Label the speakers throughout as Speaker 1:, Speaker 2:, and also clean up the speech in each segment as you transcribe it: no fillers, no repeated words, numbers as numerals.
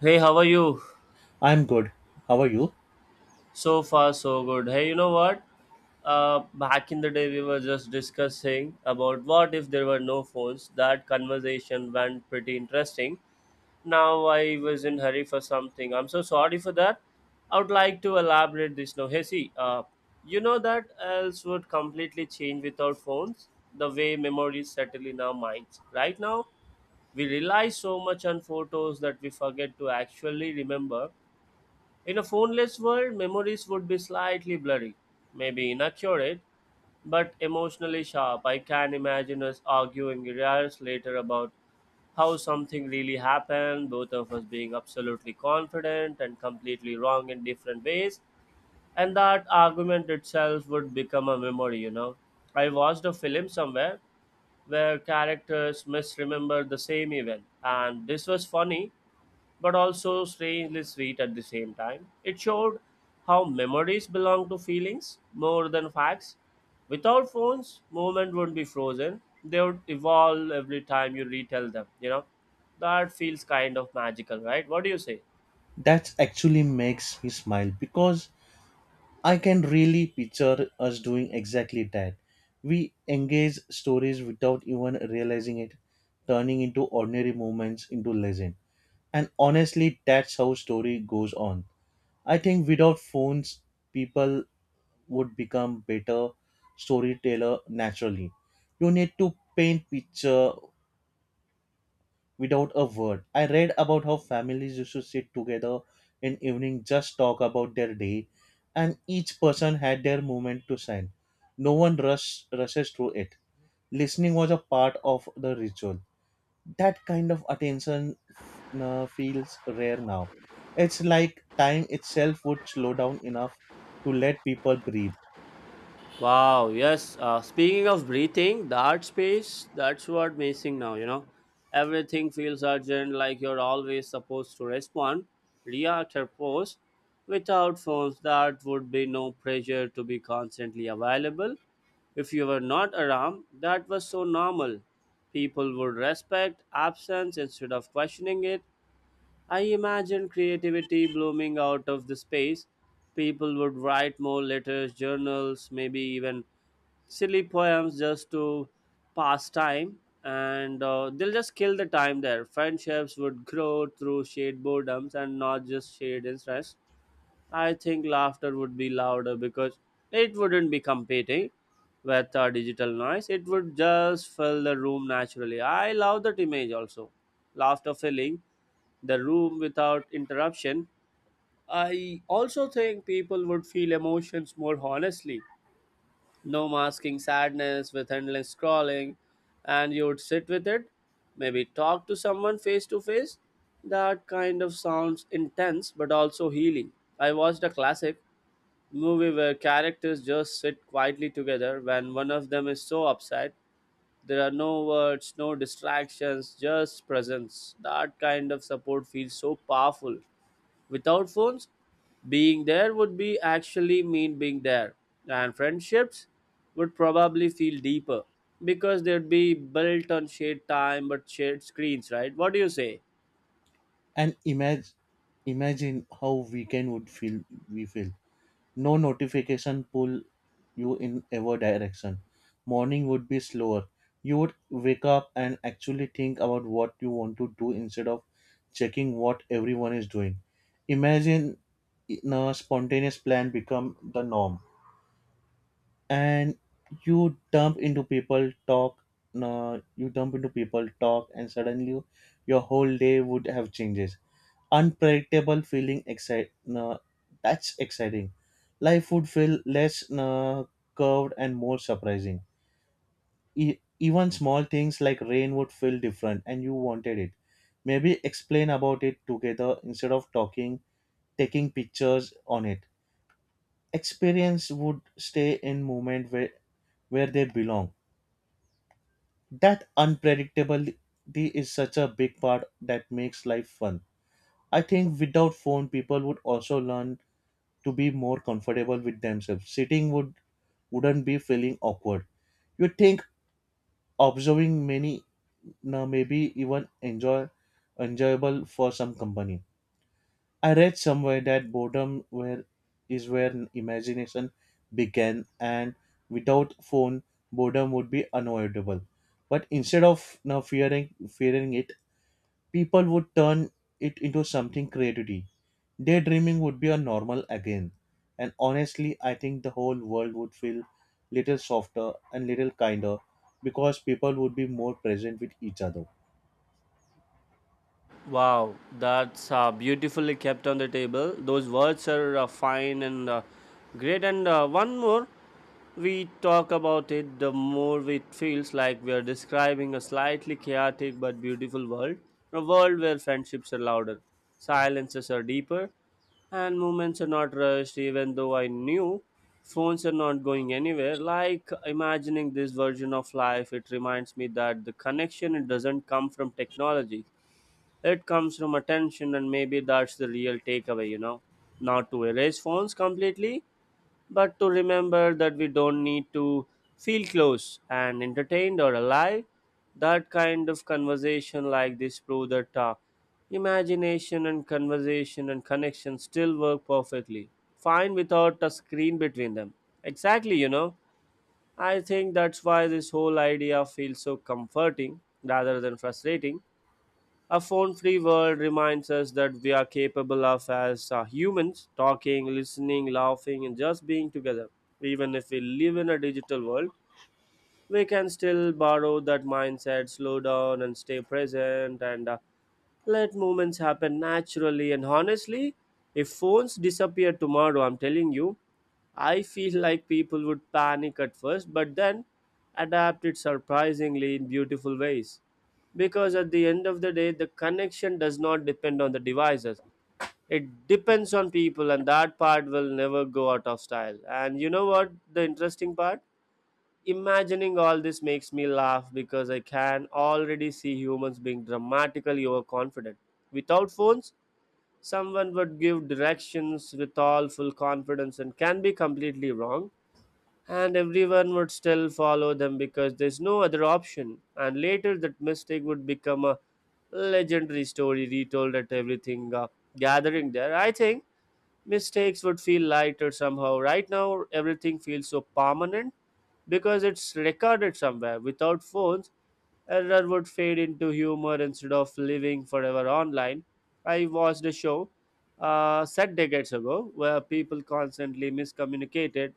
Speaker 1: Hey, how are you?
Speaker 2: I'm good. How are you?
Speaker 1: So far, so good. Hey, you know what? Back in the day, we were just discussing about what if there were no phones. That conversation went pretty interesting. Now I was in hurry for something. I'm so sorry for that. I would like to elaborate this now. Hey, see, you know that else would completely change without phones. The way memories settle in our minds. Right now, we rely so much on photos that we forget to actually remember. In a phoneless world, memories would be slightly blurry, maybe inaccurate, but emotionally sharp. I can imagine us arguing years later about how something really happened, both of us being absolutely confident and completely wrong in different ways, and that argument itself would become a memory, you know. I watched a film somewhere where characters misremember the same event, and this was funny but also strangely sweet at the same time. It showed how memories belong to feelings more than facts. Without phones, movement wouldn't be frozen. They would evolve every time you retell them, you know. That feels kind of magical, right? What do you say?
Speaker 2: That actually makes me smile because I can really picture us doing exactly that. We engage stories without even realizing it, turning into ordinary moments into legend. And honestly, that's how story goes on. I think without phones, people would become better storyteller naturally. You need to paint picture without a word. I read about how families used to sit together in evening, just talk about their day, and each person had their moment to shine. No one rush, rushes through it. Listening was a part of the ritual. That kind of attention feels rare now. It's like time itself would slow down enough to let people breathe
Speaker 1: Wow, yes. Speaking of breathing, the art space, that's what missing now, you know. Everything feels urgent, like you're always supposed to respond, react, or post. Without phones, that would be no pressure to be constantly available. If you were not around, that was so normal. People would respect absence instead of questioning it. I imagine creativity blooming out of the space. People would write more letters, journals, maybe even silly poems just to pass time, and they'll just kill the time there. Friendships would grow through shared boredoms and not just shared interest. I think laughter would be louder because it wouldn't be competing with digital noise. It would just fill the room naturally. I love that image. Also, laughter filling the room without interruption, I also think people would feel emotions more honestly. No masking sadness with endless scrolling, and you would sit with it, maybe talk to someone face to face. That kind of sounds intense but also healing. I watched a classic movie where characters just sit quietly together when one of them is so upset. There are no words, no distractions, just presence. That kind of support feels so powerful. Without phones, being there would be actually mean being there, and friendships would probably feel deeper because they'd be built on shared time but shared screens, right? What do you say?
Speaker 2: and imagine how weekend would feel we feel. No notification pull you in ever direction. Morning would be slower. You would wake up and actually think about what you want to do instead of checking what everyone is doing. Imagine a spontaneous plan become the norm. And you dump into people talk, no, you dump into people talk and suddenly you, your whole day would have changes unpredictable feeling excite. uh, that's exciting. Life would feel less curved and more surprising. Even small things like rain would feel different and you wanted it, maybe explain about it together instead of talking taking pictures on it. Experience would stay in moment where they belong. That unpredictability is such a big part that makes life fun. I think without phone people would also learn to be more comfortable with themselves. Sitting wouldn't be feeling awkward. You think observing many now maybe even enjoyable for some company. I read somewhere that boredom where is where imagination began, and without phone boredom would be unavoidable. But instead of now fearing it, people would turn it into something creativity. Daydreaming would be a normal again. And honestly, I think the whole world would feel little softer and little kinder because people would be more present with each other.
Speaker 1: Wow, that's beautifully kept on the table. Those words are fine and great. And one more. We talk about it, the more it feels like we are describing a slightly chaotic but beautiful world, a world where friendships are louder, silences are deeper, and moments are not rushed, even though I knew phones are not going anywhere. Like imagining this version of life, it reminds me that the connection it doesn't come from technology. It comes from attention, and maybe that's the real takeaway, you know. Not to erase phones completely, but to remember that we don't need to feel close and entertained or alive. That kind of conversation like this prove that imagination and conversation and connection still work perfectly fine without a screen between them. Exactly, you know. I think that's why this whole idea feels so comforting rather than frustrating. A phone free world reminds us that we are capable of, as humans, talking, listening, laughing, and just being together. Even if we live in a digital world, we can still borrow that mindset, slow down, and stay present. And let moments happen naturally and honestly. If phones disappear tomorrow, I'm telling you, I feel like people would panic at first, but then adapt it surprisingly in beautiful ways. Because at the end of the day, the connection does not depend on the devices. It depends on people, and that part will never go out of style. And you know what? The interesting part? Imagining all this makes me laugh because I can already see humans being dramatically overconfident. Without phones, someone would give directions with all full confidence and can be completely wrong, and everyone would still follow them because there's no other option. And later, that mistake would become a legendary story retold at everything gathering there. I think mistakes would feel lighter somehow. Right now, everything feels so permanent because it's recorded somewhere. Without phones, error would fade into humor instead of living forever online. I watched a show set decades ago where people constantly miscommunicated,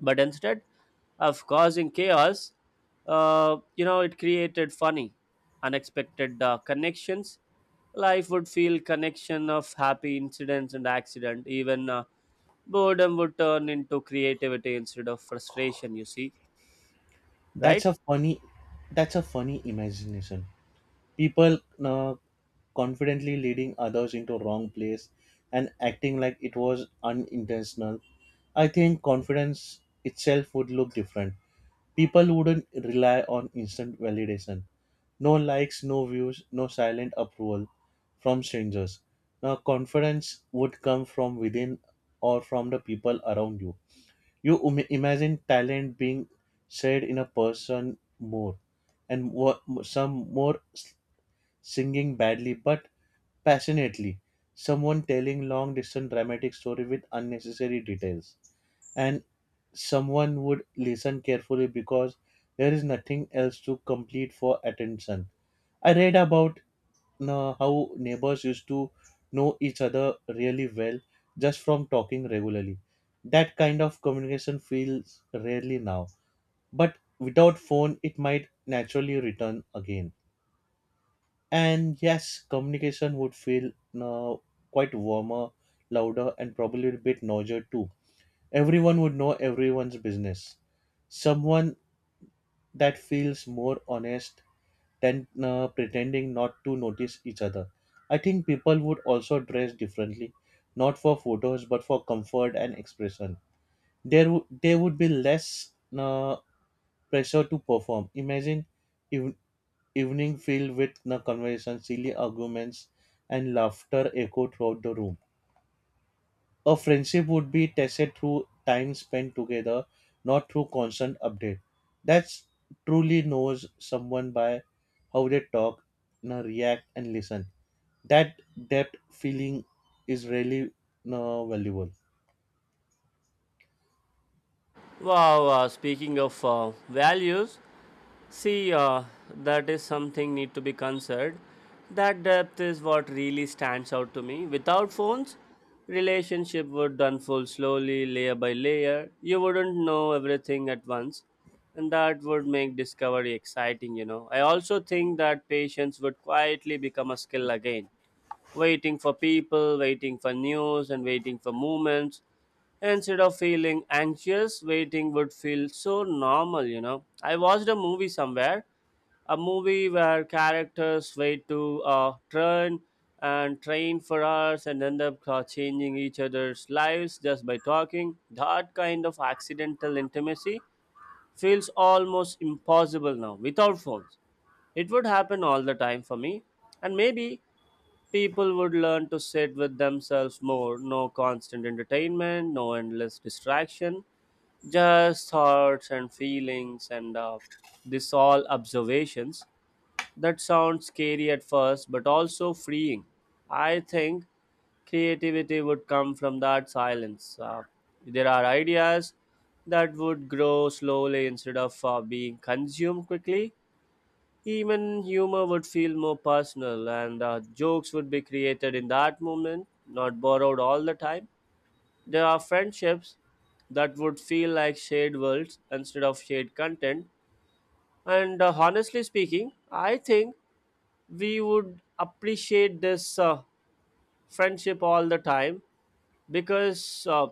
Speaker 1: but instead of causing chaos, you know, it created funny unexpected connections. Life would feel connection of happy incidents and accident. Even boredom would turn into creativity instead of frustration, you see,
Speaker 2: That's
Speaker 1: right.
Speaker 2: a funny that's a funny imagination. People, uh, confidently leading others into wrong place and acting like it was unintentional. I think confidence itself would look different. People wouldn't rely on instant validation. No likes, no views, no silent approval from strangers. Now, confidence would come from within or from the people around you. You imagine talent being shared in a person more, and more s- singing badly but passionately, someone telling long distance dramatic story with unnecessary details, and someone would listen carefully because there is nothing else to compete for attention. I read about how neighbors used to know each other really well just from talking regularly. That kind of communication feels rarely now, but without phone, it might naturally return again. And yes, communication would feel uh, quite warmer, louder, and probably a bit noisier too. Everyone would know everyone's business someone that feels more honest than pretending not to notice each other. I think people would also dress differently, not for photos but for comfort and expression. There would be less uh, pressure to perform. Imagine ev- evening filled with conversation, silly arguments, and laughter echo throughout the room. A friendship would be tested through time spent together, not through constant update. That's truly knows someone by how they talk, na, react, and listen. That depth feeling is really, na, valuable.
Speaker 1: Wow, speaking of values, see, that is something need to be considered. That depth is what really stands out to me. Without phones, relationship would unfold slowly, layer by layer. You wouldn't know everything at once, and that would make discovery exciting. You know, I also think that patience would quietly become a skill again, waiting for people, waiting for news, and waiting for movements. Instead of feeling anxious, waiting would feel so normal, you know. I watched a movie somewhere, a movie where characters wait to turn and train for hours and end up changing each other's lives just by talking. That kind of accidental intimacy feels almost impossible now. Without phones, it would happen all the time for me. And maybe people would learn to sit with themselves more, no constant entertainment, no endless distraction, just thoughts and feelings and this all observations. That sounds scary at first but also freeing. I think creativity would come from that silence. There are ideas that would grow slowly instead of being consumed quickly. Even humor would feel more personal, and jokes would be created in that moment, not borrowed all the time. There are friendships that would feel like shared worlds instead of shared content. And honestly speaking, I think we would appreciate this friendship all the time because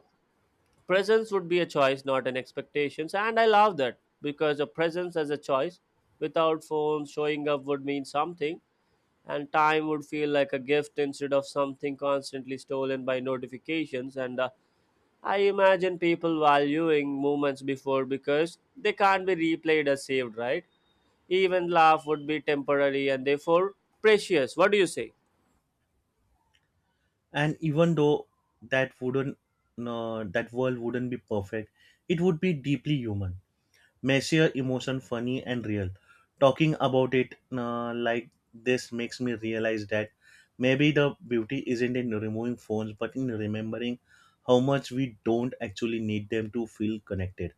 Speaker 1: presence would be a choice, not an expectations. And I love that because a presence as a choice without phones showing up would mean something, and time would feel like a gift instead of something constantly stolen by notifications and I imagine people valuing moments before because they can't be replayed as saved, right. Even laugh would be temporary and therefore precious. What do you say?
Speaker 2: And even though that wouldn't, that world wouldn't be perfect, it would be deeply human. Messier emotion funny and real. Talking about it like this makes me realize that maybe the beauty isn't in removing phones but in remembering how much we don't actually need them to feel connected.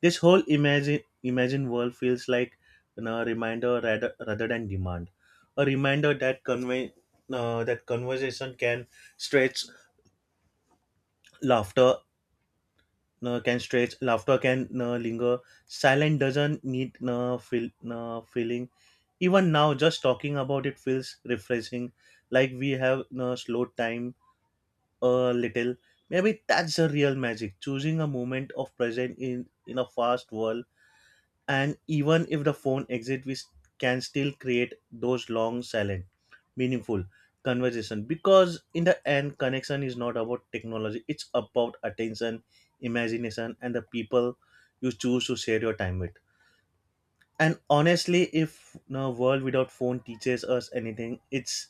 Speaker 2: This whole imagine world feels like, you know, a reminder rather than demand. A reminder that convey that conversation can stretch laughter stretch, laughter can linger, silence doesn't need feeling. Even now just talking about it feels refreshing, like we have slowed time a little. Maybe that's the real magic, choosing a moment of present in a fast world. And even if the phone exit we s- can still create those long silent meaningful conversation, because in the end connection is not about technology, it's about attention, imagination, and the people you choose to share your time with. And honestly, if the world without phone teaches us anything, it's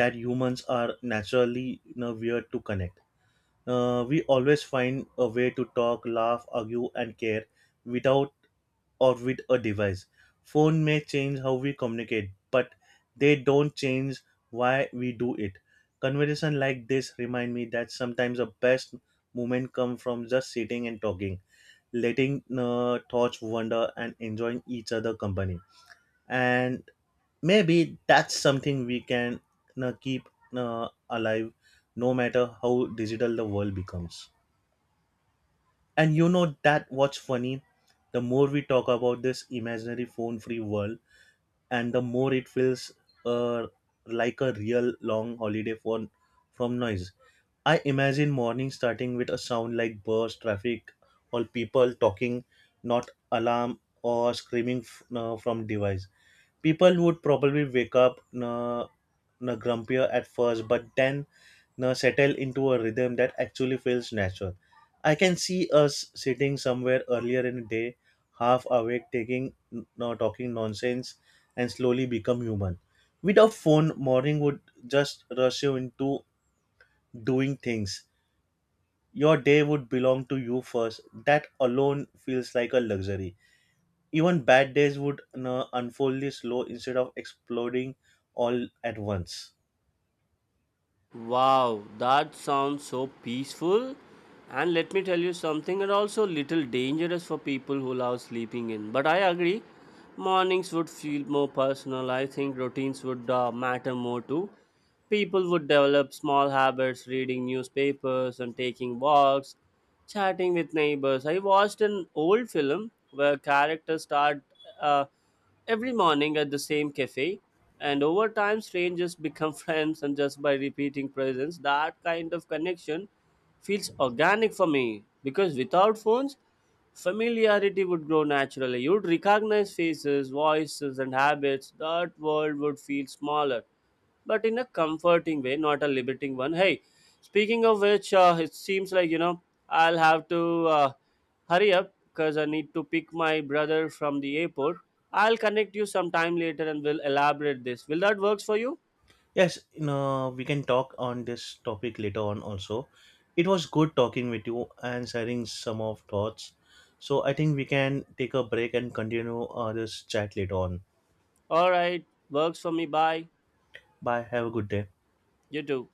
Speaker 2: that humans are naturally, you know, weird to connect. We always find a way to talk laugh argue and care without or with a device. Phone may change how we communicate, but they don't change why we do it. Conversation like this remind me that sometimes the best moment come from just sitting and talking, letting thoughts wander and enjoying each other company. And maybe that's something we can keep alive no matter how digital the world becomes. And you know that what's funny? The more we talk about this imaginary phone free world, and the more it feels uh, like a real long holiday for, from noise. I imagine morning starting with a sound like burst, traffic, or people talking, not alarm or screaming from device. People would probably wake up grumpier at first, but then know, settle into a rhythm that actually feels natural. I can see us sitting somewhere earlier in the day, half awake, taking no talking nonsense, and slowly become human. Without phone, morning would just rush you into doing things. Your day would belong to you first. That alone feels like a luxury. Even bad days would, you know, unfold slow instead of exploding all at once.
Speaker 1: Wow, that sounds so peaceful. And let me tell you something, and also little dangerous for people who love sleeping in. But I agree, mornings would feel more personal. I think routines would matter more too. People would develop small habits, reading newspapers and taking walks, chatting with neighbors. I watched an old film where characters start uh, every morning at the same cafe, and over time, strangers become friends, and just by repeating presents, that kind of connection feels organic for me because without phones, familiarity would grow naturally. You'd recognize faces, voices, and habits. That world would feel smaller but in a comforting way, not a limiting one. Hey, speaking of which, it seems like, you know, I'll have to hurry up because I need to pick my brother from the airport. I'll connect you sometime later and we'll elaborate this. Will that works for you?
Speaker 2: Yes, you know, we can talk on this topic later on also. It was good talking with you and sharing some of thoughts. So I think we can take a break and continue this chat later on.
Speaker 1: All right, works for me. Bye.
Speaker 2: Bye. Have a good day.
Speaker 1: You too.